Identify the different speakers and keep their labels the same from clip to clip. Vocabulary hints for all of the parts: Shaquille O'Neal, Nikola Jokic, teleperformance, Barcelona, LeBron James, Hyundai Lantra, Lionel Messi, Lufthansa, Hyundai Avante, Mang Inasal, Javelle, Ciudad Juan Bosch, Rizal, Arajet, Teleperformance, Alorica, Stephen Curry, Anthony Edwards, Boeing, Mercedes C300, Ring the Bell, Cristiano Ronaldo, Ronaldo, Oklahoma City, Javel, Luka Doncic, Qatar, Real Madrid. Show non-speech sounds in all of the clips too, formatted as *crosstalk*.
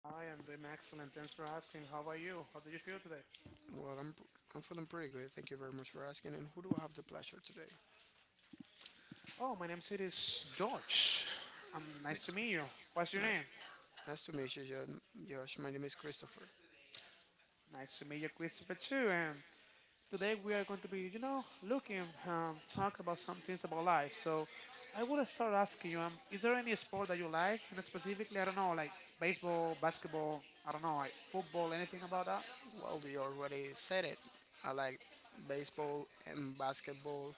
Speaker 1: Hi, I'm doing excellent. Thanks for asking. How are you? How do you feel today?
Speaker 2: Well, I'm feeling pretty good. Thank you very much for asking. And who do I have the pleasure today?
Speaker 1: Oh, my name is George. Nice to meet you. What's your name?
Speaker 2: Nice to meet you, John. Josh. My name is Christopher.
Speaker 1: Nice to meet you, Christopher, too. And today we are going to be, looking, talk about some things about life. So I will start asking you, is there any sport that you like? And specifically, I don't know, like baseball, basketball, I don't know, like football, anything about that?
Speaker 2: Well, we already said it. I like baseball and basketball,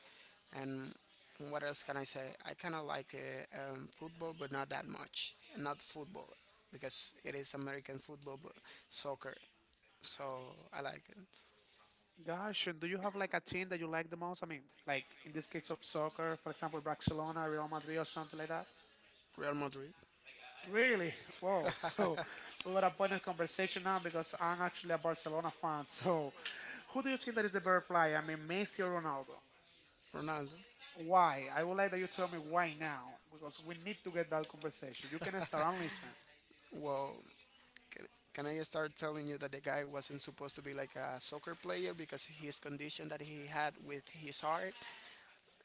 Speaker 2: and what else can I say? I kind of like football, but not that much. Not football because it is American football, but soccer. So I like it.
Speaker 1: Gosh, and do you have like a team that you like the most? I mean, like in this case of soccer, for example, Barcelona, Real Madrid, or something like that?
Speaker 2: Real Madrid,
Speaker 1: Really? Whoa. *laughs* So we got a point of conversation now because I'm actually a Barcelona fan. *laughs* So who do you think that is the better player? I mean, Messi or Ronaldo?
Speaker 2: Ronaldo.
Speaker 1: Why? I would like that you tell me why now because we need to get that conversation. You can start and listen.
Speaker 2: Well, Can, can I start telling you that the guy wasn't supposed to be like a soccer player because his condition that he had with his heart,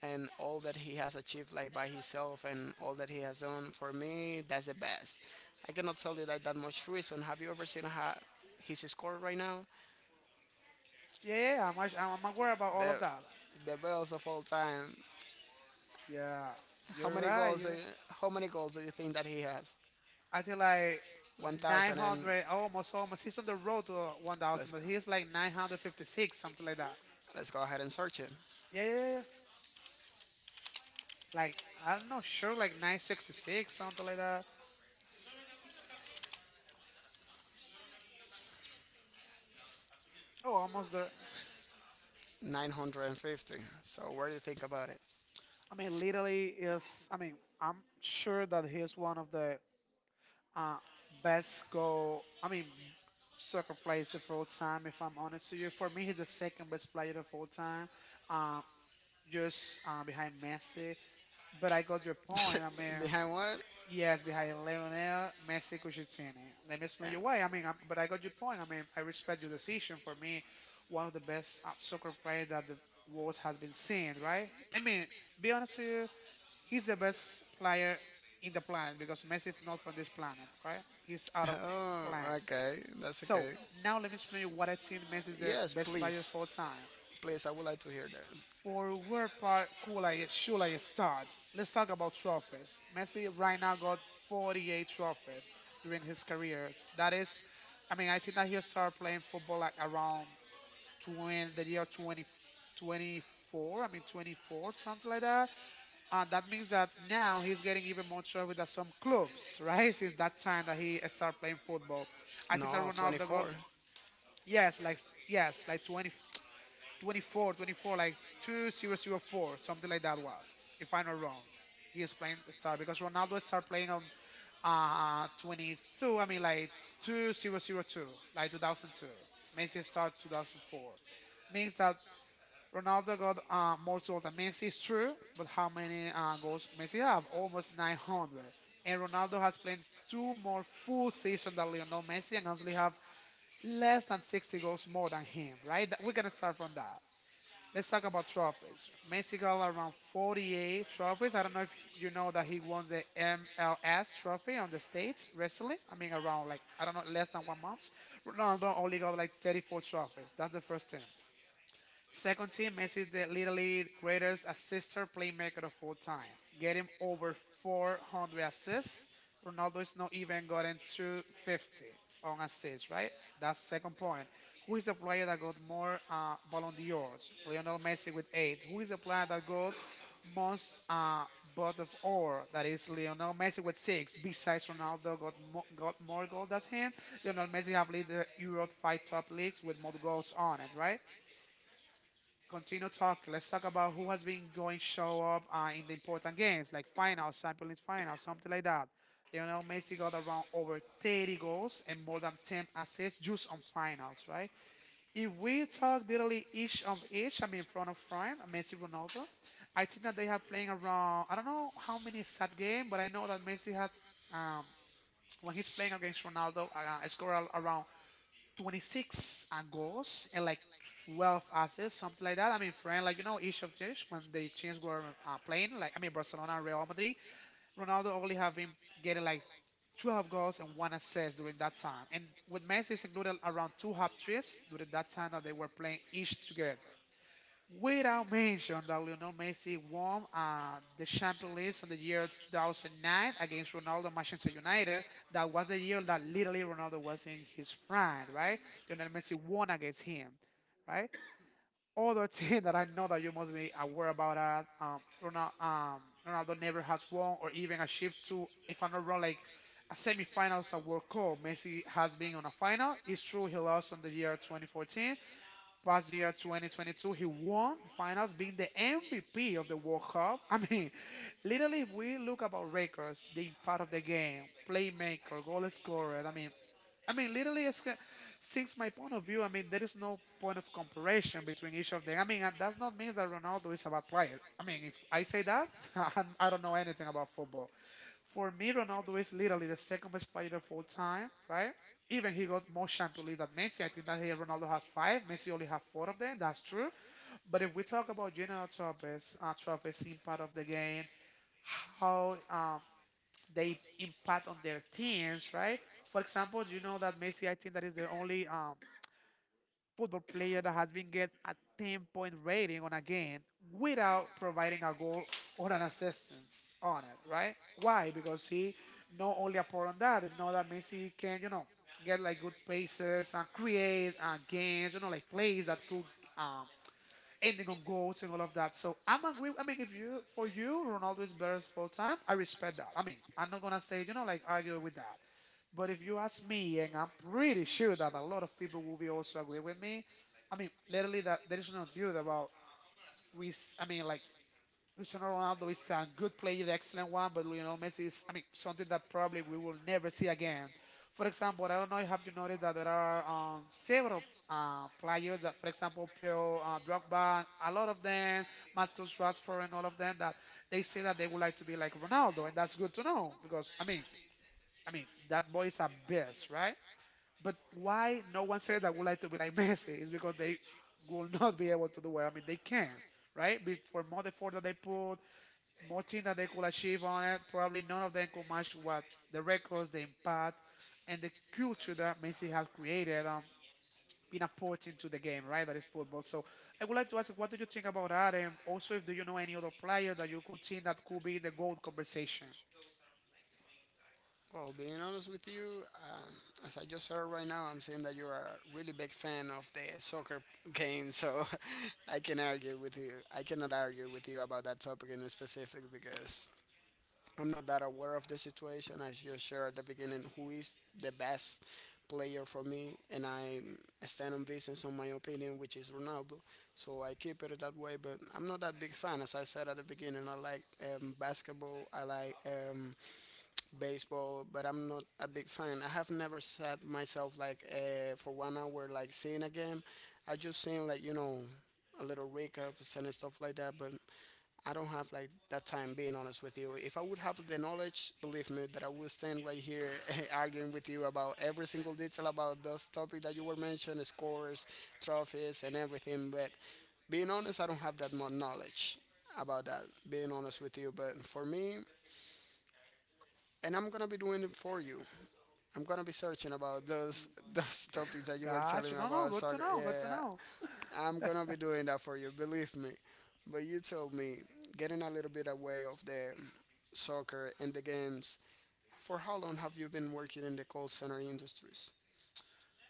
Speaker 2: and all that he has achieved like by himself and all that he has done, for me, that's the best. I cannot tell you that that much reason. Have you ever seen how his score right now?
Speaker 1: Yeah, yeah, yeah. I'm aware about all of
Speaker 2: The
Speaker 1: that.
Speaker 2: the best of all time.
Speaker 1: Yeah,
Speaker 2: How
Speaker 1: you're
Speaker 2: many
Speaker 1: right.
Speaker 2: goals?
Speaker 1: You're right.
Speaker 2: How many goals do you think that he has?
Speaker 1: I think like
Speaker 2: 1,000 and
Speaker 1: 900, almost, almost. He's on the road to 1,000,
Speaker 2: Let's go.
Speaker 1: but he's like 956, something like that.
Speaker 2: Let's go ahead and search it.
Speaker 1: Yeah, yeah, yeah, yeah. Like, I'm not sure, like 966, something like that. Oh, almost there.
Speaker 2: 950. So what do you think about it?
Speaker 1: I mean, literally is. I mean, I'm sure that he's one of the uh, best
Speaker 2: *laughs*
Speaker 1: goal. I mean, soccer players of all time. If I'm honest with you, for me, he's the second best player of all time, uh, just behind Messi. But I got your point. I mean,
Speaker 2: Behind what?
Speaker 1: yes, behind Lionel Messi, Cucitini. Let me explain you why. I mean, I but I got your point. I mean, I respect your decision. For me, one of the best soccer players that the world has been seen. Right? I mean, be honest with you. He's the best player in the planet because Messi is not from this planet, right? He's out
Speaker 2: *laughs*
Speaker 1: of *laughs* the
Speaker 2: Oh,
Speaker 1: planet.
Speaker 2: planet. Okay. That's So
Speaker 1: So now let me explain you what I think Messi is the best player of all time.
Speaker 2: Please, I would like to hear that. Where
Speaker 1: For where part cool I should I start? Let's talk about trophies. Messi right now got 48 trophies during his career. That is, I mean, I think that he started playing football like around 20, the year 2024. I mean 24, something like that, that means that now he's getting even more trouble with some clubs, right? Since that time that he started playing football. I think that
Speaker 2: no,
Speaker 1: Ronaldo got,
Speaker 2: 24.
Speaker 1: yes, like, yes, like 20, 24, 24, like 2004, something like that was, if I'm not wrong. He is playing the star because Ronaldo started playing on 22, I mean, like 2002, like 2002. Messi started 2004. Means that Ronaldo got more goals than Messi, it's true, but how many goals Messi have? Almost 900. And Ronaldo has played two more full seasons than Lionel Messi and actually have less than 60 goals more than him, right? That- We're going to start from that. Let's talk about trophies. Messi got around 48 trophies. I don't know if you know that he won the MLS trophy on the States recently. I mean, around like, I don't know, less than 1 month. Ronaldo only got like 34 trophies. That's the first thing. Second team, Messi is the literally greatest assister playmaker of all time, getting over 400 assists. Ronaldo is not even gotten to 50 on assists, right? That's second point. Who is the player that got more Ballon d'Ors? Lionel Messi with 8. Who is the player that got most Bot of Or? That is Lionel Messi with 6. Besides Ronaldo, got got more goals than him. Lionel Messi have lead the Europe five top leagues with more goals on it, right? Continue talk. Let's talk about who has been going show up in the important games, like finals, Champions League finals, something like that. Lionel Messi got around over 30 goals and more than 10 assists just on finals, right? If we talk literally each of each, I mean front of front, Messi, Ronaldo, I think that they have playing around. I don't know how many sad game, but I know that Messi has um, when he's playing against Ronaldo, scored around 26 goals and like 12 assists, something like that. I mean, friend, like you know, each of theirs when the teams were playing, like I mean, Barcelona, and Real Madrid, Ronaldo only have him getting like 12 goals and one assist during that time, and with Messi, it's included around two hat tricks during that time that they were playing each together. Without mention that Lionel Messi won the Champions League in the year 2009 against Ronaldo Manchester United. That was the year that literally Ronaldo was in his prime, right? Lionel Messi won against him, right? Other *laughs* thing that I know that you must be aware about that Ronaldo never has won or even achieved to, if I'm not wrong, like a semifinals at World Cup. Messi has been on a final. It's true he lost on the year 2014, past year 2022 he won the finals being the MVP of the World Cup. *laughs* I mean, literally if we look about records, the impact of the game, playmaker, goal scorer, I mean, literally since my point of view, I mean there is no point of comparison between each of them. I mean that does not mean that Ronaldo is a bad player. I mean if I say that *laughs* I don't know anything about football. For me, Ronaldo is literally the second best player of all time, right? Even he got more Champions League than Messi. I think that here Ronaldo has 5. Messi only have 4 of them. That's true. But if we talk about general trophies, trophies, impact of the game, how they impact on their teams, right? For example, do you know that Messi? I think that is the only football player that has been get a 10 point rating on a game without providing a goal or an assistance on it, right? Why? Because he not only a part on that, if not that Messi can, you know, get like good paces and create games, you know, like plays that could um, ending on goals and all of that. So I'm agree. I mean, if you for you Ronaldo is better full time, I respect that. I mean, I'm not gonna say you know like argue with that. But if you ask me, and I'm pretty sure that a lot of people will be also agree with me. I mean, literally, that there is no truth about. I mean, like Cristiano Ronaldo is a good player, excellent one, but Lionel Messi is. I mean, something that probably we will never see again. For example, I don't know. If Have you noticed that there are several players that, for example, Pio, Drogba, a lot of them, Marcus Rashford, and all of them that they say that they would like to be like Ronaldo, and that's good to know because I mean, that boy is a beast, right? But why no one said that would like to be like *laughs* Messi is because they will not be able to do it. I mean, they can, right? But for more effort that they put, more things that they could achieve on it, probably none of them could match what the records, the impact, and the culture that Messi has created. Been important to the game, right? That is football. So I would like to ask, what do you think about that? And also, if do you know any other player that you could think that could be in the gold conversation?
Speaker 2: Well, being honest with you, as I just heard right now, I'm seeing that you are a really big fan of the soccer game, so *laughs* I can argue with you. I cannot argue with you about that topic in specific because I'm not that aware of the situation. As you shared at the beginning, who is the best player for me, and I stand on business on my opinion, which is Ronaldo. So I keep it that way, but I'm not that big fan. As I said at the beginning, I like basketball. I like baseball, but I'm not a big fan. I have never sat myself like for 1 hour like seeing a game. I just seen like, you know, a little recaps and stuff like that, but I don't have like that time. Being honest with you, if I would have the knowledge, believe me, that I would stand right here *laughs* arguing with you about every single detail about those topics that you were mentioning, scores, trophies, and everything. But being honest, I don't have that much knowledge about that. Being honest with you, but for me, and I'm gonna be doing it for you. I'm gonna be searching about those *laughs* those topics that
Speaker 1: *laughs*
Speaker 2: you were
Speaker 1: Gosh,
Speaker 2: telling me
Speaker 1: no, no,
Speaker 2: about
Speaker 1: good to
Speaker 2: soccer.
Speaker 1: know, good to
Speaker 2: Yeah,
Speaker 1: know.
Speaker 2: I'm gonna be doing that for you. Believe me. But you told me, getting a little bit away of the soccer and the games. For how long have you been working in the call center industries?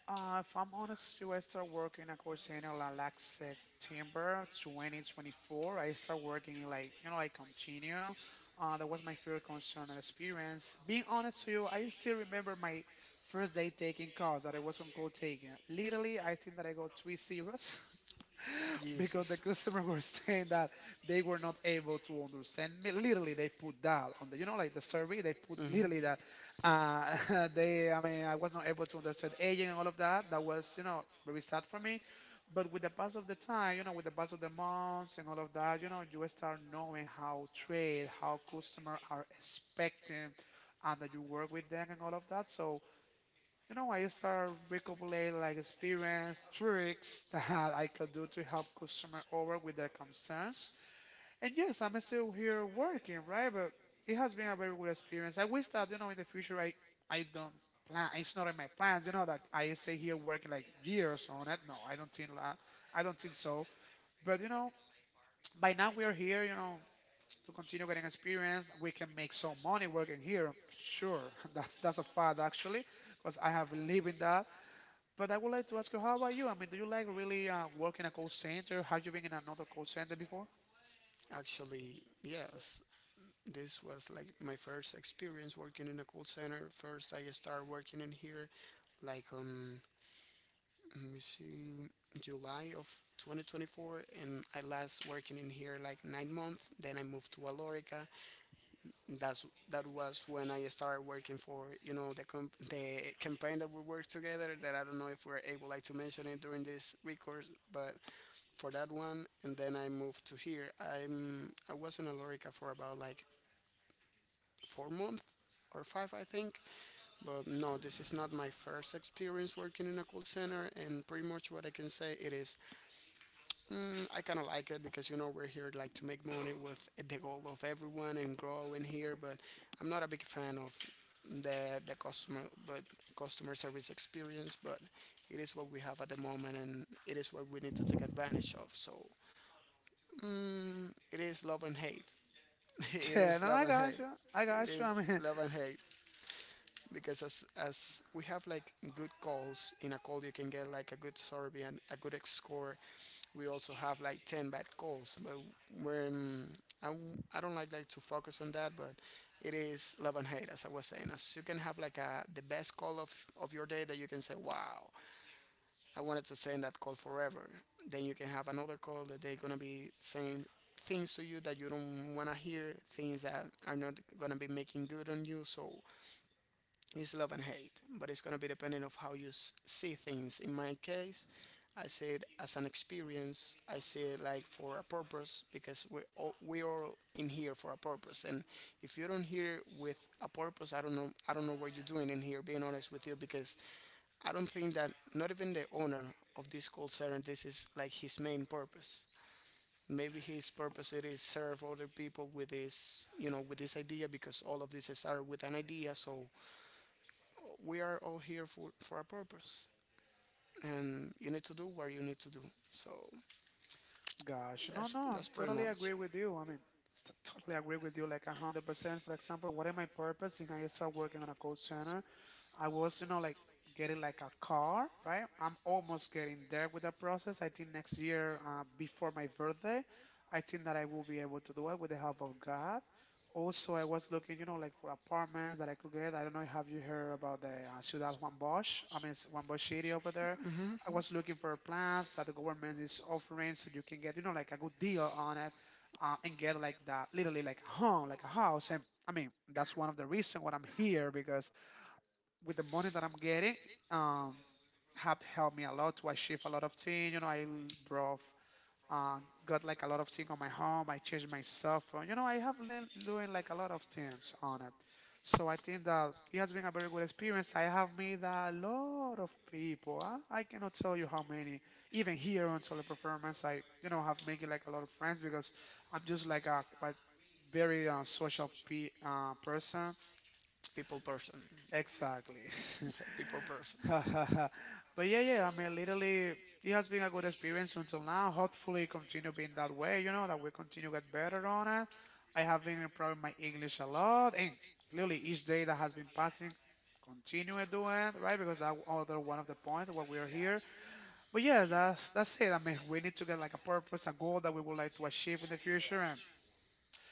Speaker 1: If I'm honest, you, I start working at Corsano like September 2024. I start working in like, you know, I continue. That was my first concern and experience. Being honest to you, I still remember my first day taking calls that I was on call taking. Literally, I think that I got three zeros. *laughs* Because the customer *laughs* was saying that they were not able to understand me. Literally, they put that on the, you know, like the survey. They put literally that *laughs* I
Speaker 2: *laughs*
Speaker 1: mean, I was not able to understand aging and all of that. That was, you know, very sad for me. But with the pass of the time, you know, with the pass of the months and all of that, you know, you start knowing how trade, how customer are expecting, and that you work with them and all of that. So I start recopilate like experience, tricks *laughs* that I could do to help customer over with their concerns. And yes, I'm still here working, right? But it has been a very good experience. I wish that in the future I don't plan. It's not in my plans. You know that I stay here working like years on it. No, I don't think that. I don't think so. But you know, by now we are here. You know. To continue getting experience, we can make some money working here. Sure, *laughs* that's a fact actually, because I have lived in that but I would like to ask you, how about you? I mean, do you like really work in a call center? Have you been in another call center before?
Speaker 2: Actually, yes. This was like my first experience working in a call center. First, I started working in here like on, let me see, July of 2024, and I last working in here like 9 months. Then I moved to Alorica. That was when I started working for, you know, the the campaign that we worked together. That I don't know if we're able like to mention it during this record, but for that one, and then I moved to here. I was in Alorica for about like 4 months or five, I think. But no, this is not my first experience working in a call center, and pretty much what I can say it is, mm, I kind of like it because you know we're here like to make money with the goal of everyone and grow in here But I'm not a big fan of the customer, but customer service experience. But it is what we have at the moment, and it is what we need to take advantage of. So it is love and hate. *laughs*
Speaker 1: *laughs*
Speaker 2: it
Speaker 1: Yeah,
Speaker 2: is
Speaker 1: no,
Speaker 2: love
Speaker 1: I
Speaker 2: and hate.
Speaker 1: got you. I
Speaker 2: It
Speaker 1: got you. I
Speaker 2: is
Speaker 1: mean,
Speaker 2: love and hate. Because as we have like good calls in a call, you can get like a good survey and a good score, we also have like 10 bad calls, but when I don't like to focus on that, but it is love and hate as I was saying, as you can have like a the best call of your day that you can say, wow, I wanted to stay in that call forever. Then you can have another call that they're gonna be saying things to you that you don't wanna hear, things that are not gonna be making good on you, so it's love and hate, but it's gonna be depending of how you see things. In my case, I see it as an experience. I see it like for a purpose because we all in here for a purpose. And if you don't here with a purpose, I don't know. I don't know what you're doing in here. Being honest with you, because I don't think that not even the owner of this call center this is like his main purpose. Maybe his purpose it is serve other people with this, you know, with this idea because all of this started with an idea. So we are all here for a purpose, and you need to do what you need to do. So
Speaker 1: *laughs* gosh, no, no, I'm
Speaker 2: that's pretty
Speaker 1: totally
Speaker 2: much
Speaker 1: agree with you. I mean, totally agree with you, like 100%. For example, what is my purpose? And I start working on a call center. I was, like getting like a car, right? I'm almost getting there with the process. I think next year, before my birthday, I think that I will be able to do it with the help of God. Also, I was looking, like for apartments that I could get. I don't know, have you heard about the Ciudad Juan Bosch? I mean, it's Juan Bosch City over there. I was looking for plans that the government is offering so you can get, like a good deal on it and get like that, literally like a home, like a house. And I mean, that's one of the reasons why I'm here because with the money that I'm getting, um, have helped me a lot to achieve a lot of things. You know, I brought, uh, got like a lot of things on my home. I changed my cell phone. You know, I have learned doing like a lot of things on it. So I think that it has been a very good experience. I have made a lot of people. I cannot tell you how many. Even here on Solo Performance, I have made like a lot of friends because I'm just like a quite very social person.
Speaker 2: people person,
Speaker 1: Exactly.
Speaker 2: *laughs*
Speaker 1: *laughs*
Speaker 2: people person.
Speaker 1: *laughs* but yeah, yeah, I mean, literally, it has been a good experience until now. Hopefully, continue being that way. You know that we continue get better on it. I have been improving my English a lot, and clearly, each day that has been passing, continue it doing it, right? Because that other one of the points why we are here. But yes, that's it. I mean, we need to get like a purpose, a goal that we would like to achieve in the future,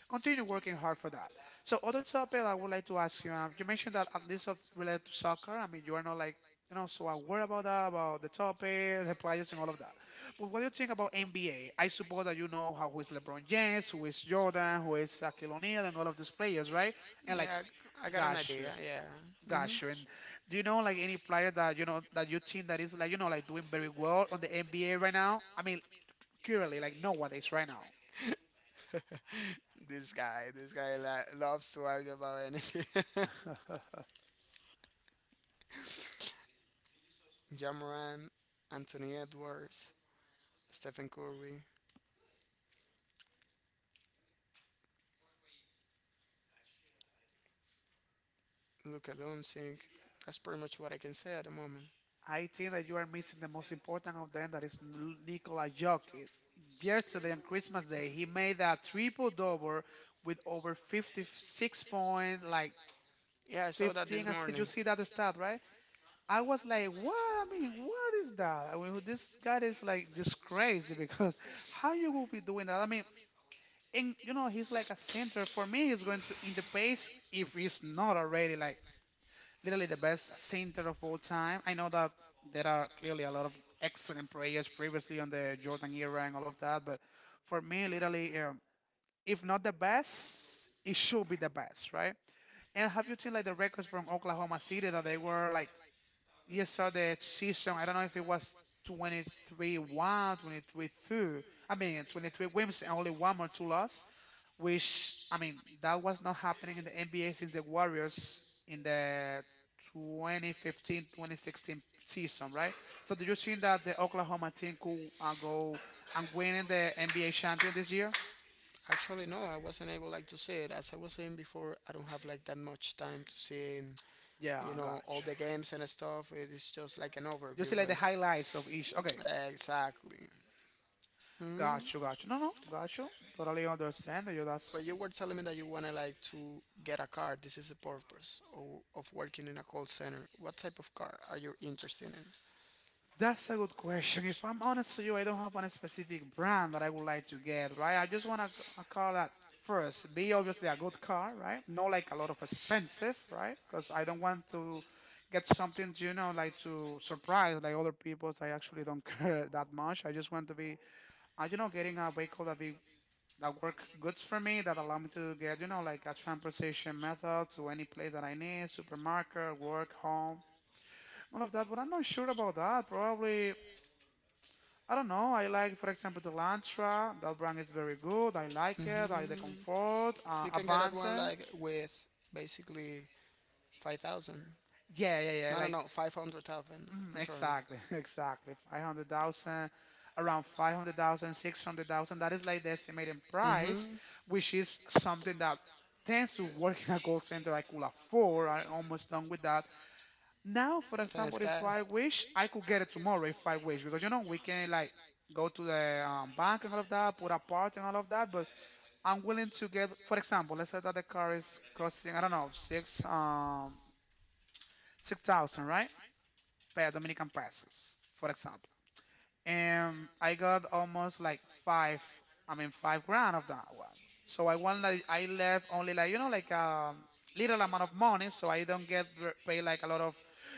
Speaker 1: continue working hard for that. So other topic I would like to ask you, you mentioned that at least of related to soccer, I mean you are not like so aware about that, about the topic, the players and all of that. But what do you think about NBA? I suppose that you know how who is LeBron James, who is Jordan, who is Shaquille O'Neal, and all of these players, right? And like
Speaker 2: Yeah, I got an
Speaker 1: gosh.
Speaker 2: idea. Yeah. Hmm.
Speaker 1: Gosh, and do you know like any player that that you think that is like like doing very well on the NBA right now? I mean, currently, like nowadays, right now.
Speaker 2: *laughs* This guy loves to argue about anything. *laughs* Jamoran, Anthony Edwards, Stephen Curry, Luka Doncic. That's pretty much what I can say at the moment.
Speaker 1: I think that you are missing the most important of them, that is Nikola Jokic. Yesterday on Christmas Day, he made a triple double with over 56 points, like
Speaker 2: Yeah, I saw that this
Speaker 1: 15 assists. You
Speaker 2: morning.
Speaker 1: see that stat, right? I was like, what? I mean, what is that? I mean, this guy is like just crazy because *laughs* how you will be doing that? I mean, and he's like a center. For me, he's going to in the pace if he's not already like literally the best center of all time. I know that there are clearly a lot of excellent players previously on the Jordan era and all of that, but for me, literally, if not the best, it should be the best, right? And have you seen like the records from Oklahoma City that they were like, yes, sir, the season, I don't know if it was 23-1, 23-2, I mean, 23 wins and only one or two loss which I mean that was not happening in the NBA since the Warriors in the 2015-2016 season, right? So do you think that the Oklahoma team could go and win in the NBA champion this year?
Speaker 2: Actually, no, I wasn't able like to see it. As I was saying before, I don't have like that much time to see in,
Speaker 1: Yeah,
Speaker 2: you know, all
Speaker 1: gotcha.
Speaker 2: the games and stuff. It is just like an
Speaker 1: You see
Speaker 2: overview,
Speaker 1: like
Speaker 2: but
Speaker 1: the highlights of each. Okay,
Speaker 2: exactly.
Speaker 1: gotcha,
Speaker 2: Hmm.
Speaker 1: gotcha. No, no, gotcha. Totally understand. You
Speaker 2: But you were telling me that you wanna like to get a car. This is the purpose of working in a call center. What type of car are you interested in?
Speaker 1: that's a good question. If I'm honest to you, I don't have one specific brand that I would like to get, right? I just want a car that first be obviously a good car, right? Not like a lot of expensive, right? Because I don't want to get something, like to surprise like other people's. I actually don't *laughs* care that much. I just want to be, getting a vehicle that be that work goods for me that allow me to get, like a transportation method to any place that I need, supermarket, work, home all of that, but I'm not sure about that. Probably I don't know. I like, for example, the Lantra. That brand is very good. I like it. I like the
Speaker 2: Hmm.
Speaker 1: Comfort,
Speaker 2: You can get that one
Speaker 1: Avante.
Speaker 2: like with basically 5,000.
Speaker 1: Yeah, yeah, yeah.
Speaker 2: No, no,
Speaker 1: Like,
Speaker 2: no. 500,000. I'm
Speaker 1: exactly, *laughs* exactly. 500,000, around 500,000, 600,000. That is like the estimated price,
Speaker 2: Mhm.
Speaker 1: which is something that tends to work in a call center I could afford. I'm almost done with that. Now, for example, if I wish, I could get it tomorrow if I wish, because we can like go to the bank and all of that, put a part and all of that, but I'm willing to get, for example, let's say that the car is costing, I don't know, 6,000, right? Per Dominican pesos, for example and I got almost like five. I mean, 5 grand of that one. So I want like I left only like like a little amount of money, so I don't get pay like a lot of,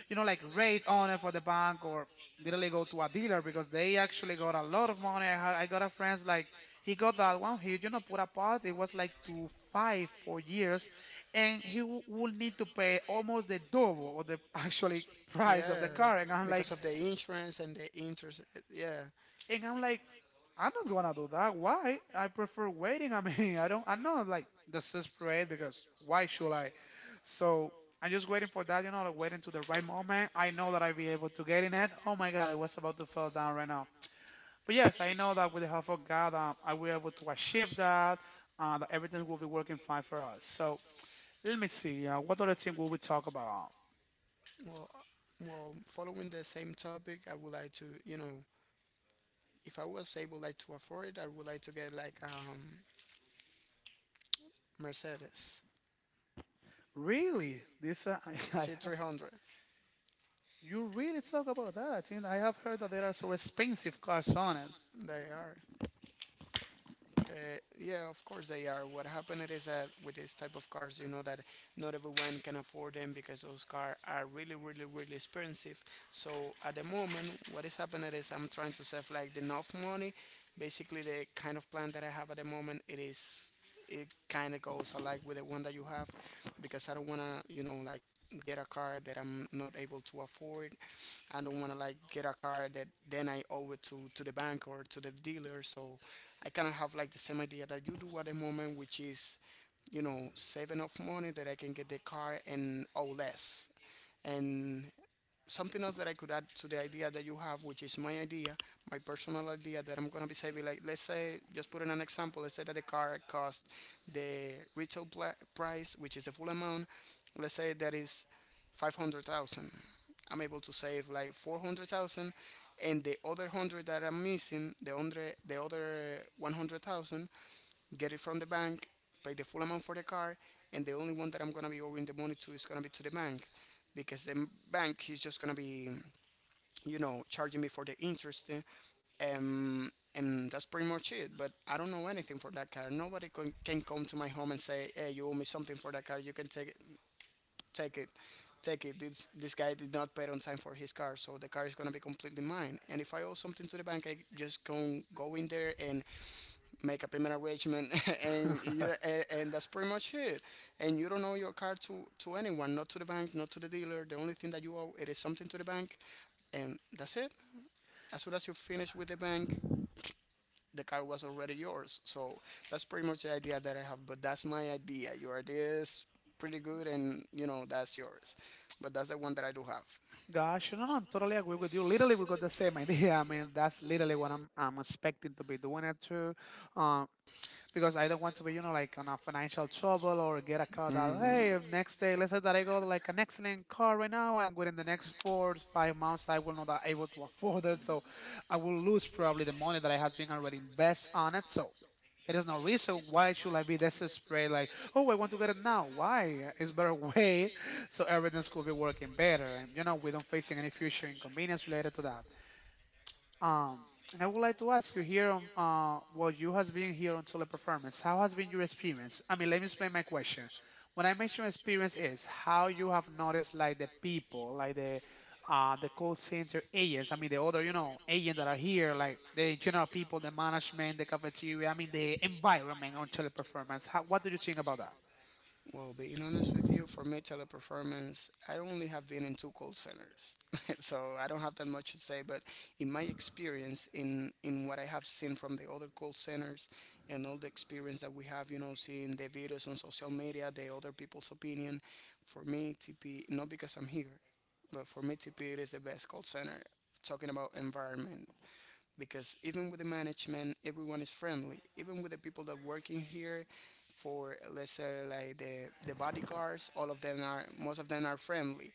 Speaker 1: like rate on it for the bank or literally go to a dealer because they actually got a lot of money. I got a friend like he got that one. He put apart. It was like two five four years, and he will need to pay almost the double or the *laughs* actually price of
Speaker 2: Yeah,
Speaker 1: the car. And I'm
Speaker 2: because
Speaker 1: like
Speaker 2: of like, the insurance and the interest. Yeah.
Speaker 1: and I'm like I'm not gonna do that. Why? I prefer waiting. I mean, *laughs* I don't. I'm not like desperate because why should I? So I'm just waiting for that. You know, like waiting to the right moment. I know that I'll be able to get in it. Oh my God, I was about to fall down right now. But yes, I know that with the help of God, I will be able to achieve that. That everything will be working fine for us. So let me see. What other thing will we talk about?
Speaker 2: Well, well, following the same topic, I would like to, you know, if I was able like to afford it, I would like to get like Mercedes
Speaker 1: Really, this *laughs* I have.
Speaker 2: C300.
Speaker 1: You really talk about that? I think I have heard that there are so expensive cars on it.
Speaker 2: They are Uh, yeah, of course they are. What happened is that with this type of cars, you know that not everyone can afford them because those cars are really, really, really expensive. So at the moment, what is happening is I'm trying to save like the enough money. Basically, the kind of plan that I have at the moment, it is it kind of goes alike with the one that you have because I don't want to, you know, like get a car that I'm not able to afford. I don't want to like get a car that then I owe it to the bank or to the dealer. So I kind of have like the same idea that you do at the moment, which is, you know, save enough money that I can get the car and owe less. And something else that I could add to the idea that you have, which is my idea, my personal idea that I'm gonna be saving. Like, let's say, just put in an example. Let's say that the car cost the retail price, which is the full amount. Let's say that is 500,000. I'm able to save like 400,000, and the other 100 that I'm missing, the other 100,000, get it from the bank, pay the full amount for the car, and the only one that I'm gonna be owing the money to is gonna be to the bank, because the bank is just gonna be, you know, charging me for the interest, and that's pretty much it. But I don't know anything for that car. Nobody can come to my home and say, "Hey, you owe me something for that car. You can take it, take it." Take it. This guy did not pay on time for his car, so the car is gonna be completely mine. And if I owe something to the bank, I just can go in there and make a payment arrangement, *laughs* and yeah, and that's pretty much it. And you don't owe your car to anyone, not to the bank, not to the dealer. The only thing that you owe it is something to the bank, and that's it. As soon as you finish with the bank, the car was already yours. So that's pretty much the idea that I have. But that's my idea. Your idea is pretty good, and you know that's yours. But that's the one that I do have.
Speaker 1: Gosh, no, no, I'm totally agree with you. Literally, we got the same idea. *laughs* I mean, that's literally what I'm expecting to be doing it too, um, because I don't want to be, like on a financial trouble or get a car that hey, next day, let's say that I got like an excellent car right now, and within the next 4 5 months, I will not be able to *laughs* afford it, so I will lose probably the money that I has been already invest on it. So there is no reason why should I be desperate. Like, oh, I want to get it now. Why? It's better *laughs* wait, so everything could be working better. We don't facing any future inconvenience related to that. Um, and I would like to ask you here on well, you has been here on Teleperformance. How has been your experience? I mean, let me explain my question. When I mention experience, is how you have noticed like the people, like the call center agents. I mean, the other agents that are here, like the general people, the management, the cafeteria. I mean, the environment on Teleperformance. How, what do you think about that?
Speaker 2: Well, being honest with you, for me, teleperformance, I only have been in two call centers, *laughs* so I don't have that much to say. But in my experience, in what I have seen from the other call centers, and all the experience that we have, you know, seeing the videos on social media, the other people's opinion, for me, TP, not because I'm here, but for me, TP, it is the best call center. Talking about environment because even with the management, everyone is friendly. Even with the people that working here for let's say like the bodyguards, all of them are most of them are friendly.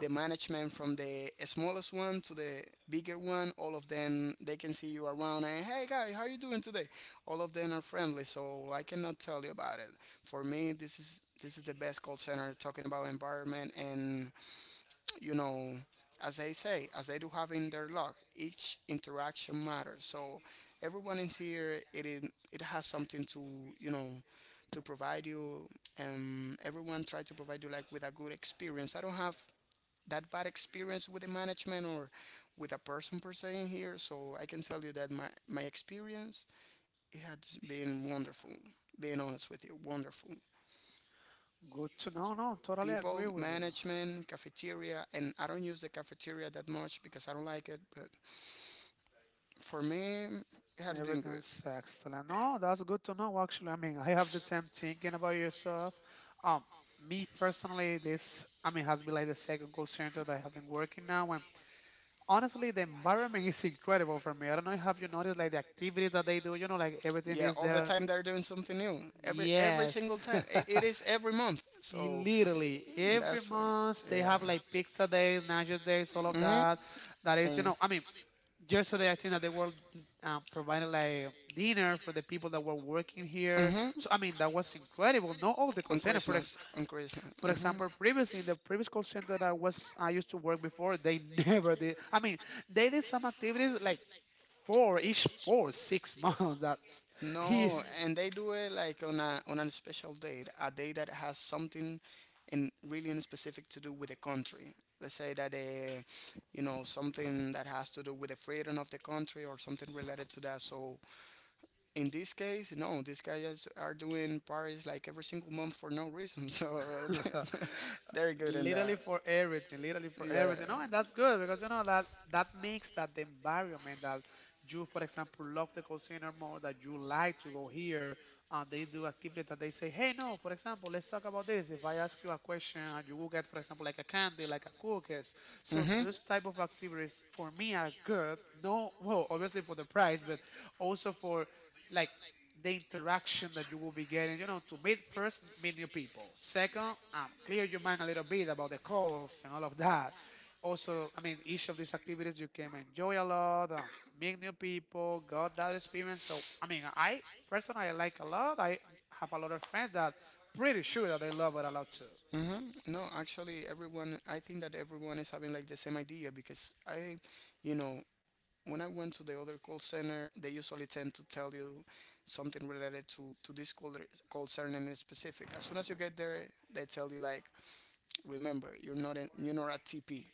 Speaker 2: The management from the smallest one to the bigger one, all of them they can see you around and hey guy, how are you doing today? All of them are friendly, so I cannot tell you about it. For me, this is the best call center talking about environment and you know, as they say, as they do have in their log, each interaction matters. So everyone in here, it has something to you know to provide you. Everyone try to provide you like with a good experience. I don't have that bad experience with the management or with a person per se in here, so I can tell you that my experience it has been wonderful. Being honest with you, wonderful
Speaker 1: Good to know. No, totally
Speaker 2: people,
Speaker 1: agree with you.
Speaker 2: management, cafeteria. And I don't use the cafeteria that much because I don't like it, but for me it has been good.
Speaker 1: Everything's excellent. No, that's good to know. Actually, I mean, I have the time thinking about yourself. Um, Me personally, this has been like the second call center that I have been working now. And honestly, the environment *laughs* is incredible for me. I don't know if have you noticed like the activities that they do. You know, like everything
Speaker 2: Yeah,
Speaker 1: is
Speaker 2: all the
Speaker 1: there.
Speaker 2: time they're doing something new. Every
Speaker 1: Yes,
Speaker 2: single time it,
Speaker 1: *laughs*
Speaker 2: it is every month. So
Speaker 1: Literally every
Speaker 2: that's
Speaker 1: month they
Speaker 2: yeah.
Speaker 1: have like pizza days, nacho days, all of
Speaker 2: hmm
Speaker 1: that. That is,
Speaker 2: and
Speaker 1: yesterday I think that they were providing like dinner for the people that were working here,
Speaker 2: hmm
Speaker 1: so I mean that was incredible, not all the call
Speaker 2: on
Speaker 1: center
Speaker 2: Christmas, on Christmas.
Speaker 1: for example, previously in the previous call center that I used to work before, they *laughs* never did. I mean, they did some activities like for each for six *laughs* months. That he
Speaker 2: No, and they do it like on a special date, a day that has something in really in specific to do with the country. Let's say that you know something that has to do with the freedom of the country or something related to that. So in this case, no, these guys are doing parties like every single month for no reason. *laughs* So
Speaker 1: *laughs*
Speaker 2: *laughs* they're good in
Speaker 1: Literally
Speaker 2: that.
Speaker 1: for everything, literally for
Speaker 2: Yeah.
Speaker 1: everything. No, and that's good because you know that that makes that the environment, that you for example love the call center more, that you like to go here. And they do activities that they say, hey, no, for example, let's talk about this. If I ask you a question and you will get, for example, like a candy, like a cookies. So those type of activities for me are good. No, well, obviously for the price, but also for like the interaction that you will be getting, you know, to meet first, meet new people. Second, clear your mind a little bit about the calls and all of that. Also, I mean, each of these activities you can enjoy a lot, meet new people, got that experience. So, I mean, I personally I like a lot. I have a lot of friends that pretty sure that they love it a lot too.
Speaker 2: Mm-hmm. No, actually, everyone. I think that everyone is having like the same idea because I, you know, when I went to the other call center, they usually tend to tell you something related to this call center in specific. As soon as you get there, they tell you like, remember, you're not a TP,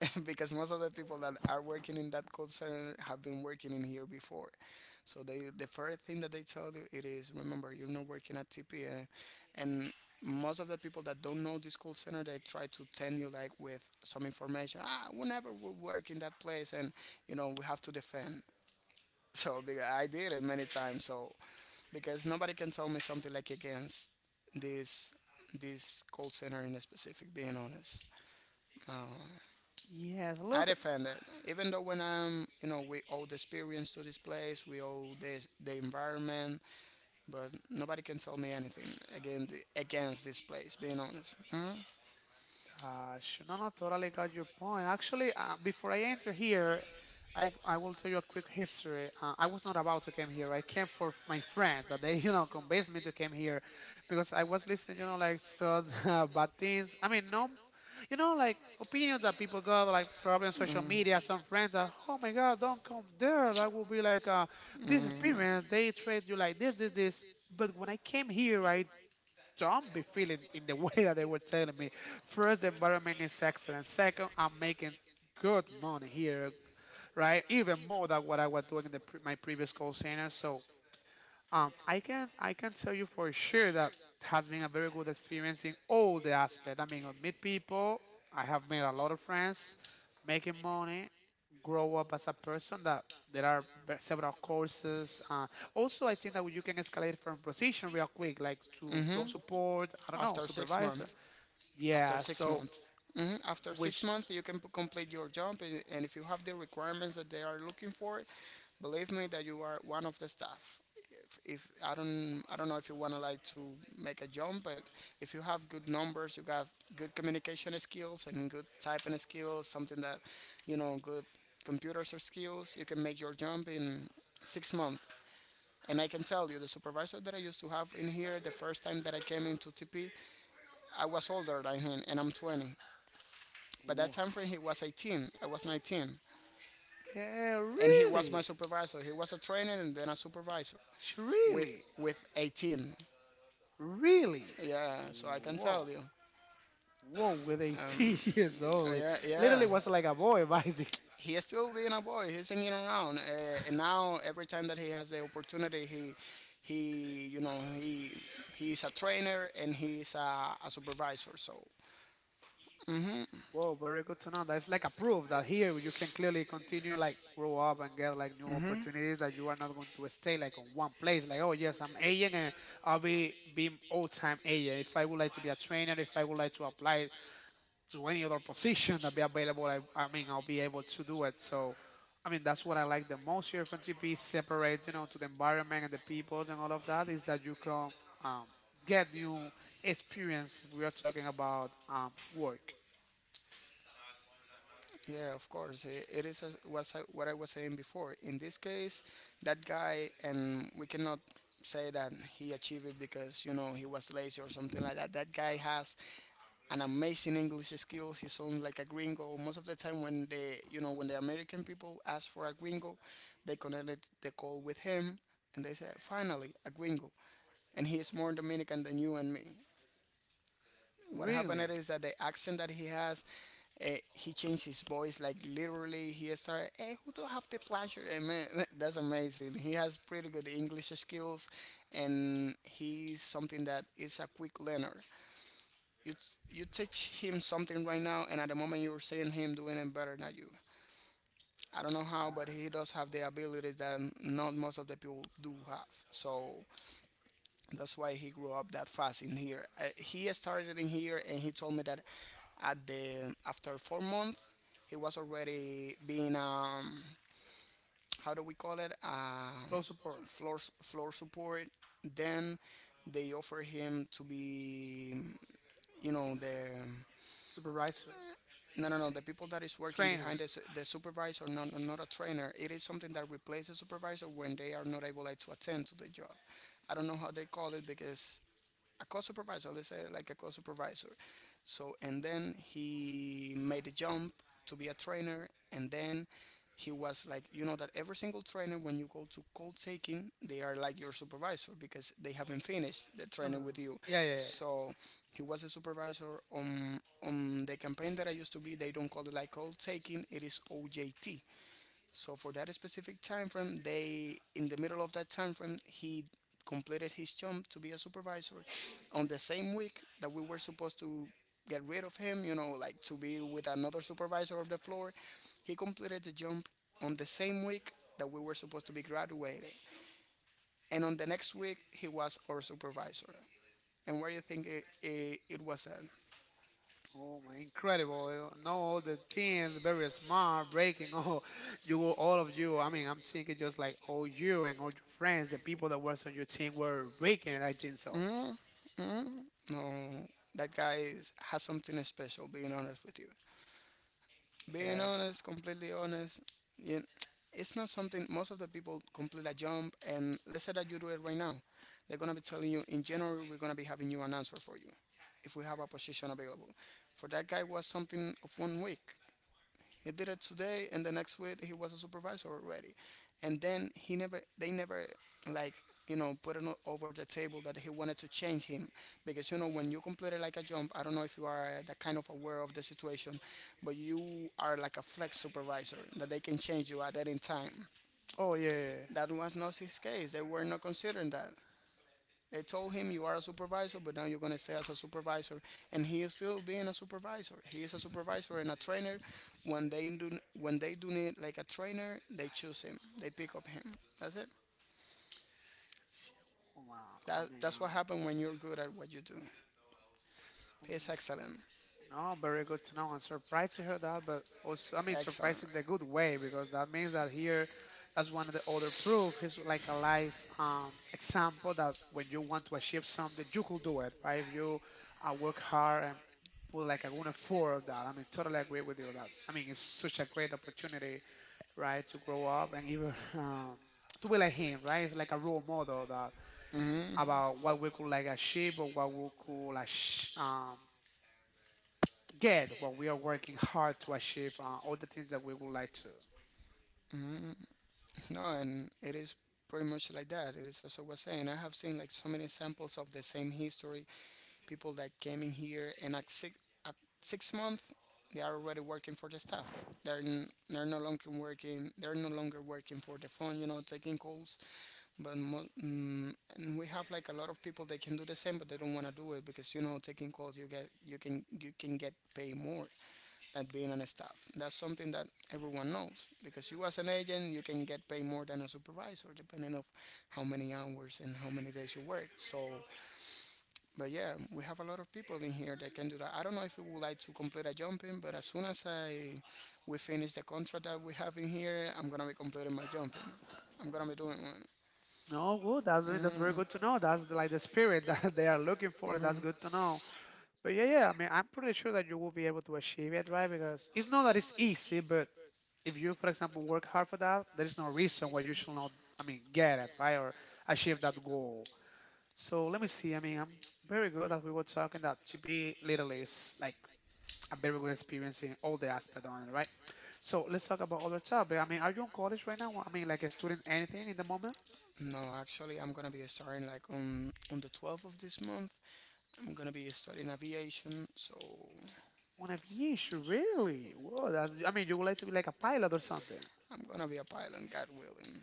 Speaker 2: *laughs* because most of the people that are working in that call center have been working in here before. So they the first thing that they tell you it is remember you're not working at TPA, and most of the people that don't know this call center they try to tell you like with some information, ah, we never will work in that place and you know we have to defend. *laughs* So because I did it many times. So because nobody can tell me something like against this this call center in specific. Being honest. uh,
Speaker 1: Yes,
Speaker 2: I
Speaker 1: look,
Speaker 2: defend it, even though when I'm, you know, we owe the experience to this place, we owe this the environment, but nobody can tell me anything again against this place. Being honest. Hmm.
Speaker 1: Sure. No, no, totally got your point. Actually, before I enter here, I will tell you a quick history. I was not about to come here. I came for my friends that they, *laughs* you know, convinced me to come here because I was listening, you know, like so *laughs* bad things. I mean, no, you know, like opinions that people got, like probably on social media, some friends that, oh my God, don't come there. That will be like this experience. They treat you like this, this, this. But when I came here, I don't be feeling in the *laughs* way that they were telling me. First, the environment is excellent. Second, I'm making good money here, right? Even more than what I was doing in the my previous call center. So I can tell you for sure that has been a very good experience in all the aspect. I mean, I meet people. I have made a lot of friends, making money, grow up as a person. That there are several courses. Also, I think that you can escalate from position real quick, like to flow
Speaker 2: Hmm?
Speaker 1: support. I don't know,
Speaker 2: After six
Speaker 1: supervisor.
Speaker 2: months, after
Speaker 1: Yeah.
Speaker 2: six
Speaker 1: So
Speaker 2: months. Mhm. After six
Speaker 1: which?
Speaker 2: months, you can p- complete your job, and if you have the requirements that they are looking for, believe me that you are one of the staff. If I don't, I don't know if you want to like to make a jump, but if you have good numbers, you got good communication skills and good typing skills, something that good computers or skills, you can make your jump in 6 months. And I can tell you, the supervisor that I used to have in here, the first time that I came into TP, I was older than him, and I'm 20. By that
Speaker 1: Wha-
Speaker 2: time frame, he was 18. I was 19,
Speaker 1: Yeah,
Speaker 2: and he was my
Speaker 1: really,
Speaker 2: supervisor. He was a trainer and then a supervisor
Speaker 1: Sh-
Speaker 2: with
Speaker 1: really,
Speaker 2: with 18.
Speaker 1: really.
Speaker 2: Yeah, so
Speaker 1: Yeah,
Speaker 2: I can tell
Speaker 1: whoa.
Speaker 2: you.
Speaker 1: Whoa, with 18 *laughs* years old,
Speaker 2: Yeah, yeah.
Speaker 1: literally was like a boy, *laughs* basically.
Speaker 2: He is still being a boy. He's hanging around, and now every time that he has the opportunity, he you know he he's a trainer and he's a supervisor. So. Mhm.
Speaker 1: Whoa, very good to know. That's like a proof that here you can clearly continue, like, grow up and get like new opportunities. That you are not going to stay like on one place. Like, oh yes, I'm agent and I'll be all time agent. If I would like to be a trainer, if I would like to apply to any other position that be available, I mean, I'll be able to do it. So, I mean, that's what I like the most here from GP, separate, you know, to the environment and the people and all of that, is that you can um, get new experience if we are talking about work.
Speaker 2: Yeah, of course. I- It is as- was I- What I was saying before. In this case, that guy, and we cannot say that he achieved it because you know he was lazy or something like that. That guy has an amazing English skill. He sounds like a gringo. Most of the time, when the when the American people ask for a gringo, they connected the call with him, and they said, "Finally, a gringo." And he is more Dominican than you and me. What happened
Speaker 1: Really?
Speaker 2: is that the accent that he has, he changed his voice. Like literally, he started, "Hey, who do I have the pleasure?" Eh, man, *laughs* that's amazing. He has pretty good English skills, and he's something that is a quick learner. You you teach him something right now, and at the moment you're seeing him doing it better than you. I don't know how, but he does have the abilities that not most of the people do have. So that's why he grew up that fast in here. I, he started in here, and he told me that at the after 4 months, he was already being how do we call it,
Speaker 1: Flow support,
Speaker 2: floor support. Then they offer him to be you know the
Speaker 1: supervisor,
Speaker 2: no, no, no. The people that is working behind
Speaker 1: trainer.
Speaker 2: the supervisor, not a trainer. It is something that replaces the supervisor when they are not able like, to attend to the job. I don't know how they call it because a co-supervisor let's say like a co-supervisor. So and then he made a jump to be a trainer and then he was like you know that every single trainer when you go to call taking they are like your supervisor because they haven't finished the training
Speaker 1: Mm.
Speaker 2: with you.
Speaker 1: Yeah, yeah, yeah.
Speaker 2: So he was a supervisor on the campaign that I used to be. They don't call it like call taking, it is OJT. So for that specific time frame, they in the middle of that time frame, he completed his jump to be a supervisor. On the same week that we were supposed to get rid of him, you know, like to be with another supervisor of the floor, he completed the jump on the same week that we were supposed to be graduated. And on the next week, he was our supervisor. And where do you think it was at?
Speaker 1: Oh my, incredible! You know all the teens, very smart, breaking. Oh, *laughs* you were all of you. I mean, I'm thinking just like all you and all your friends, the people that was on your team were breaking, and I think so.
Speaker 2: mm mm No, that guy is, has something special, being honest with you. Being
Speaker 1: Yeah.
Speaker 2: honest, completely honest, you, it's not something most of the people complete a jump. And let's say that you do it right now, they're gonna be telling you in January we're gonna be having you an answer for you if we have a position available. For that guy was something of 1 week. He did it today, and the next week he was a supervisor already. And then he never, they never, like you know, put it o- over the table that he wanted to change him because you know when you completed like a jump, I don't know if you are that kind of aware of the situation, but you are like a flex supervisor that they can change you at any time.
Speaker 1: Oh yeah, yeah, yeah.
Speaker 2: That was not his case. They were not considering that. They told him you are a supervisor, but now you're going to stay as a supervisor. And he is still being a supervisor. He is a supervisor and a trainer. When they do when they do need like a trainer, they choose him. They pick up him. That's it.
Speaker 1: Shit, woman. I
Speaker 2: That
Speaker 1: mean,
Speaker 2: that's what
Speaker 1: I'm,
Speaker 2: happens when you're good at what you do.
Speaker 1: I'm
Speaker 2: It's excellent.
Speaker 1: no, very good to know. I'm surprised to hear that, but also, I mean, surprised
Speaker 2: Excellent.
Speaker 1: in the good way because that means that here, that's one of the other proof. It's like a life example that when you want to achieve something, you could do it, right? If you work hard and put like a good effort of that. I mean, totally agree with you on that. I mean, it's such a great opportunity, right, to grow up and even *laughs* um, to be like him, right? It's like a role model that
Speaker 2: hmm
Speaker 1: about what we could like achieve or what we could like get what we are working hard to achieve, all the things that we would like to.
Speaker 2: no, and it is pretty much like that. It is as I was saying. I have seen like so many examples of the same history. People that came in here and at 6 months, they are already working for the staff. They're no longer working. They're no longer working for the phone. You know, taking calls. But and we have like a lot of people that can do the same, but they don't want to do it because you know, taking calls you get you can get paid more. At being on a staff. That's something that everyone knows because you as an agent you can get paid more than a supervisor depending of how many hours and how many days you work. But yeah, we have a lot of people in here that can do that. I don't know if we would like to complete a jumping, but as soon as I we finish the contract that we have in here, I'm gonna be completing my jumping. I'm gonna be doing one.
Speaker 1: No, good. That's that's very good to know. That's the, like the spirit that *laughs* they are looking for, and that's good to know. But yeah, yeah. I mean, I'm pretty sure that you will be able to achieve it, right? Because it's not that it's easy, but if you, for example, work hard for that, there is no reason why you should not. I mean, get it, right, or achieve that goal. So let me see. I mean, I'm very good as we were talking that to be literally is like a very good experience in all the aspect on it, right? So let's talk about other topic. I mean, are you in college right now? I mean, like a student, anything in the moment?
Speaker 2: No, actually, I'm gonna be starting like on the 12th of this month. I'm gonna be studying aviation, so
Speaker 1: One of yeesh, really? Whoa, that's. I mean, you would like to be like a pilot or something.
Speaker 2: I'm gonna be a pilot, God willing.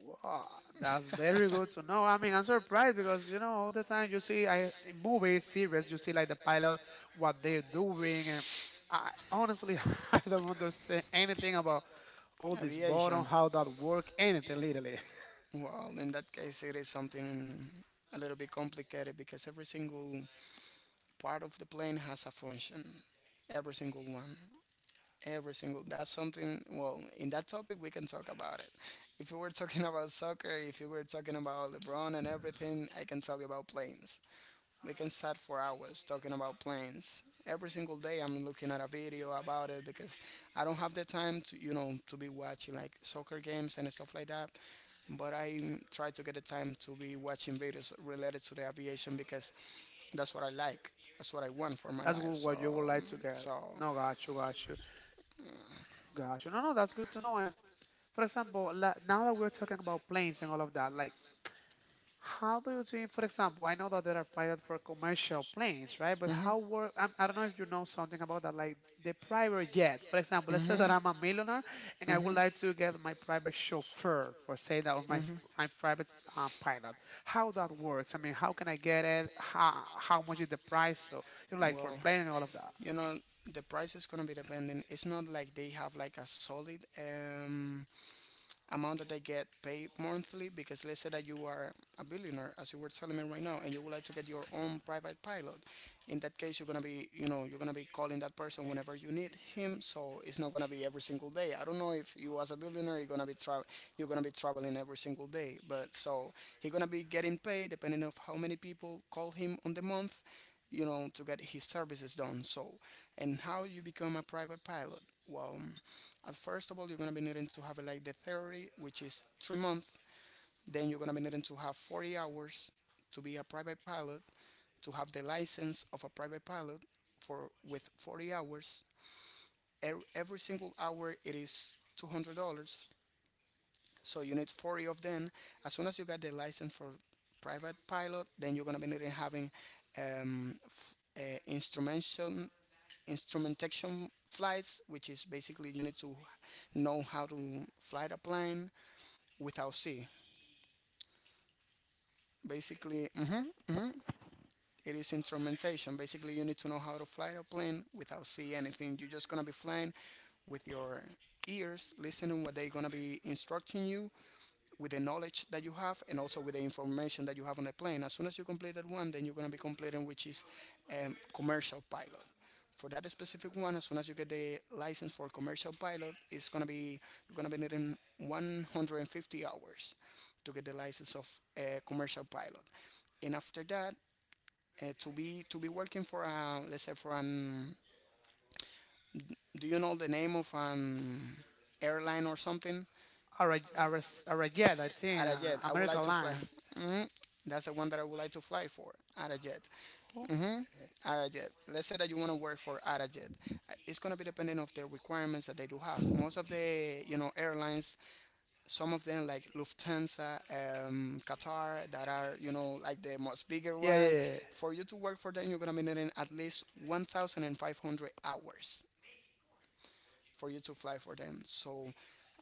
Speaker 1: Wow, that's very good to know. I mean, I'm surprised because you know all the time you see I, in movies, series, you see like the pilot what they're doing, and I honestly *laughs* I don't understand anything about all this bottom,
Speaker 2: Aviation.
Speaker 1: how that work, anything literally.
Speaker 2: Well, in that case, it is something a little bit complicated because every single part of the plane has a function. Every single one. Every single. That's something. Well, in that topic, we can talk about it. If we were talking *laughs* about soccer, if you were talking about LeBron and everything, I can tell you about planes. We can sat for hours talking about planes. Every single day I'm looking at a video about it because I don't have the time to, to be watching like soccer games and stuff like that. But I try to get the time to be watching videos related to the aviation because that's what I like. That's what I want for
Speaker 1: *laughs*
Speaker 2: my
Speaker 1: That's
Speaker 2: life.
Speaker 1: what
Speaker 2: So,
Speaker 1: what you would like to get.
Speaker 2: so.
Speaker 1: No, got you, got you. Gotcha. No, no, that's good to know. And for example, now that we're talking about planes and all of that, like how do you think, for example, I know that there are pilots for commercial planes, right? But
Speaker 2: Mhm.
Speaker 1: how work? I do not know if you know something about that, like the private jet. For example, let's say that
Speaker 2: Mhm.
Speaker 1: I'm a millionaire and I would
Speaker 2: Mhm.
Speaker 1: like to get my private chauffeur, for say that, or my
Speaker 2: Mhm.
Speaker 1: my private pilot. How that works? I mean, how can I get it? How much is the price? So you know, like for
Speaker 2: Well,
Speaker 1: plane and all of that.
Speaker 2: you know, the price is gonna be depending. It's not like they have like a solid amount that they get paid monthly because let's say that you are a billionaire as you were telling me right now and you would like to get your own private pilot. In that case, you're gonna be, you know, you're gonna be calling that person whenever you need him, so it's not gonna be every single day. I don't know if you as a billionaire you're gonna be you're gonna be traveling every single day, but so he's gonna be getting paid depending of how many people call him on the month, you know, to get his services done. So, and how you become a private pilot? Well, at first of all, you're gonna be needing to have like the theory, which is 3 months. Then you're gonna be needing to have 40 hours to be a private pilot, to have the license of a private pilot for with 40 hours. Every single hour it is $200. So you need 40 of them. As soon as you get the license for private pilot, then you're gonna be needing having um, f- uh, instrumentation instrumentation flights, which is basically you need to know how to fly the plane without sea. Basically, it is instrumentation. Basically, you need to know how to fly a plane without seeing anything. You're just gonna be flying with your ears, listening to what they're gonna be instructing you with the knowledge that you have and also with the information that you have on the plane. As soon as you complete that one, then you're gonna be completing which is commercial pilot. For that specific one, as soon as you get the license for commercial pilot, it's gonna be you're gonna be needing 150 hours to get the license of a commercial pilot. And after that, to be working for a, let's say for an, do you know the name of an airline or something?
Speaker 1: Are a, are a, a jet? I think
Speaker 2: Arajet, I would
Speaker 1: American
Speaker 2: like to fly.
Speaker 1: Airlines.
Speaker 2: Mhm. That's the one that I would like to fly for. Arajet.
Speaker 1: Oh.
Speaker 2: Arajet, let's say that you want to work for Arajet. It's gonna be depending of the requirements that they do have. Most of the, you know, airlines, some of them like Lufthansa, Qatar, that are, you know, like the most bigger
Speaker 1: Yeah, yeah,
Speaker 2: one,
Speaker 1: yeah, yeah.
Speaker 2: for you to work for them you're gonna be needing at least 1500 hours for you to fly for them. So,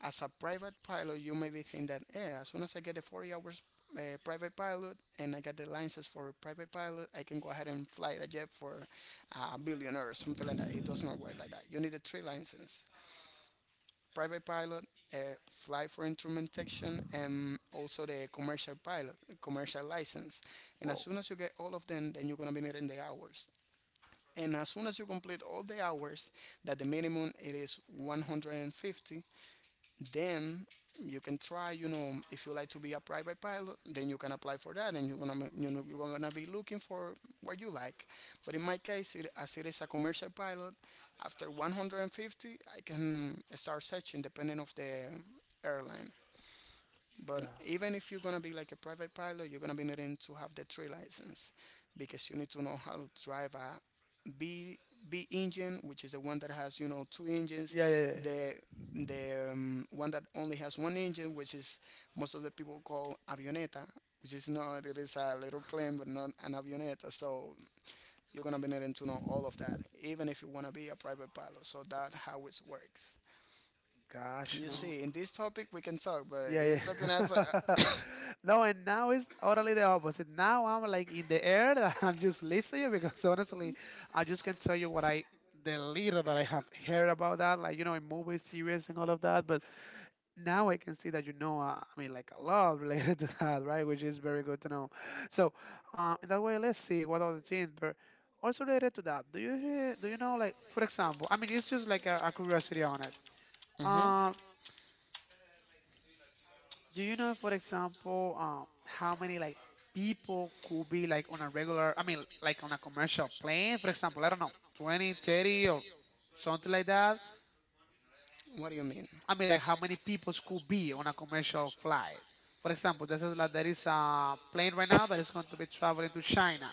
Speaker 2: as a private pilot, you maybe think that, as soon as I get the 40 hours private pilot and I get the license for private pilot, I can go ahead and fly a jet for a billionaire or something like that. It does not work like that. You need a three license: private pilot, uh, fly for instrumentation, and also the commercial pilot, commercial license. And as
Speaker 1: Whoa,
Speaker 2: soon as you get all of them, then you're going to be meeting the hours. And as soon as you complete all the hours, that the minimum it is 150, then you can try, you know, if you like to be a private pilot then you can apply for that and you're gonna, you know, you're gonna be looking for what you like. But in my case it, as it is a commercial pilot, after 150 I can start searching depending of the airline. But
Speaker 1: God.
Speaker 2: even if you're gonna be like a private pilot, you're gonna be needing to have the three license because you need to know how to drive a B B engine, which is the one that has, you know, 2 engines,
Speaker 1: Yeah, yeah, yeah.
Speaker 2: the the one that only has 1 engine, which is most of the people call avioneta, which is not, it is a little plane but not an avioneta. So you're gonna be needing to know all of that, even if you wanna be a private pilot. So that how it works.
Speaker 1: Gosh, you
Speaker 2: You
Speaker 1: know.
Speaker 2: see, in this topic we can talk, but
Speaker 1: Yeah,
Speaker 2: if talking as a,
Speaker 1: yeah.
Speaker 2: *coughs*
Speaker 1: *laughs* No, and now it's totally the opposite. Now I'm like in the air that *laughs* I'm just listening because honestly, I just can tell you what I the little that I have heard about that, like you know, in movies, series, and all of that. But now I can see that you know, I mean, like a lot related *laughs* to that, right? Which is very good to know. So, in that way, let's see what other things, but also related to that, do you hear, do you know, like, for example, I mean, it's just like a curiosity on it.
Speaker 2: uh-huh.
Speaker 1: Uh, do you know, for example, how many like people could be like on a regular, I mean, like on a commercial plane, for example, I don't know, 20, 30, or something like that?
Speaker 2: What do you mean?
Speaker 1: I mean, like how many people could be on a commercial flight. For example, this is like there is a plane right now that is going to be traveling to China.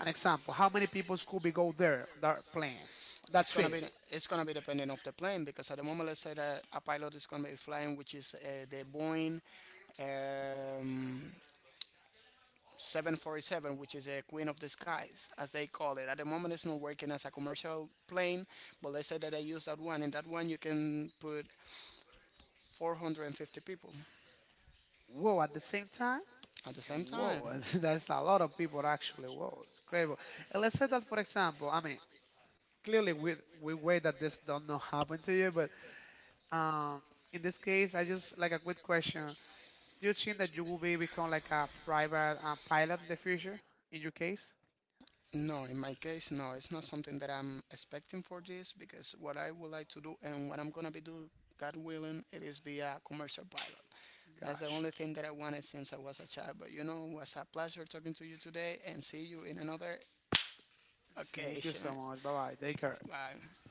Speaker 1: An example, how many people could be go there on that plane, on that
Speaker 2: It's gonna be,
Speaker 1: trip?
Speaker 2: it's gonna be depending of the plane because at the moment, let's say that a pilot is gonna be flying, which is the Boeing um, 747, which is a queen of the skies, as they call it. At the moment, it's not working as a commercial plane, but let's say that I use that one. In that one, you can put 450 people
Speaker 1: Whoa, at the same time?
Speaker 2: at the
Speaker 1: And
Speaker 2: same time.
Speaker 1: whoa, *laughs* that's a lot of people actually. Whoa, it's incredible. And let's say that, for example, I mean, clearly we wait that this don't not happen to you, but um, in this case, I just like a quick question. Do you think that you will be become like a private pilot in the future? In your case?
Speaker 2: No, in my case, no. It's not something that I'm expecting for this because what I would like to do and what I'm gonna be do, God willing, it is be a commercial pilot. That's the
Speaker 1: Gotcha.
Speaker 2: only thing that I wanted since I was a child. But you know, it was a pleasure talking to you today and see you in another
Speaker 1: Thank you
Speaker 2: occasion.
Speaker 1: so much. Bye bye. Take care.
Speaker 2: Bye.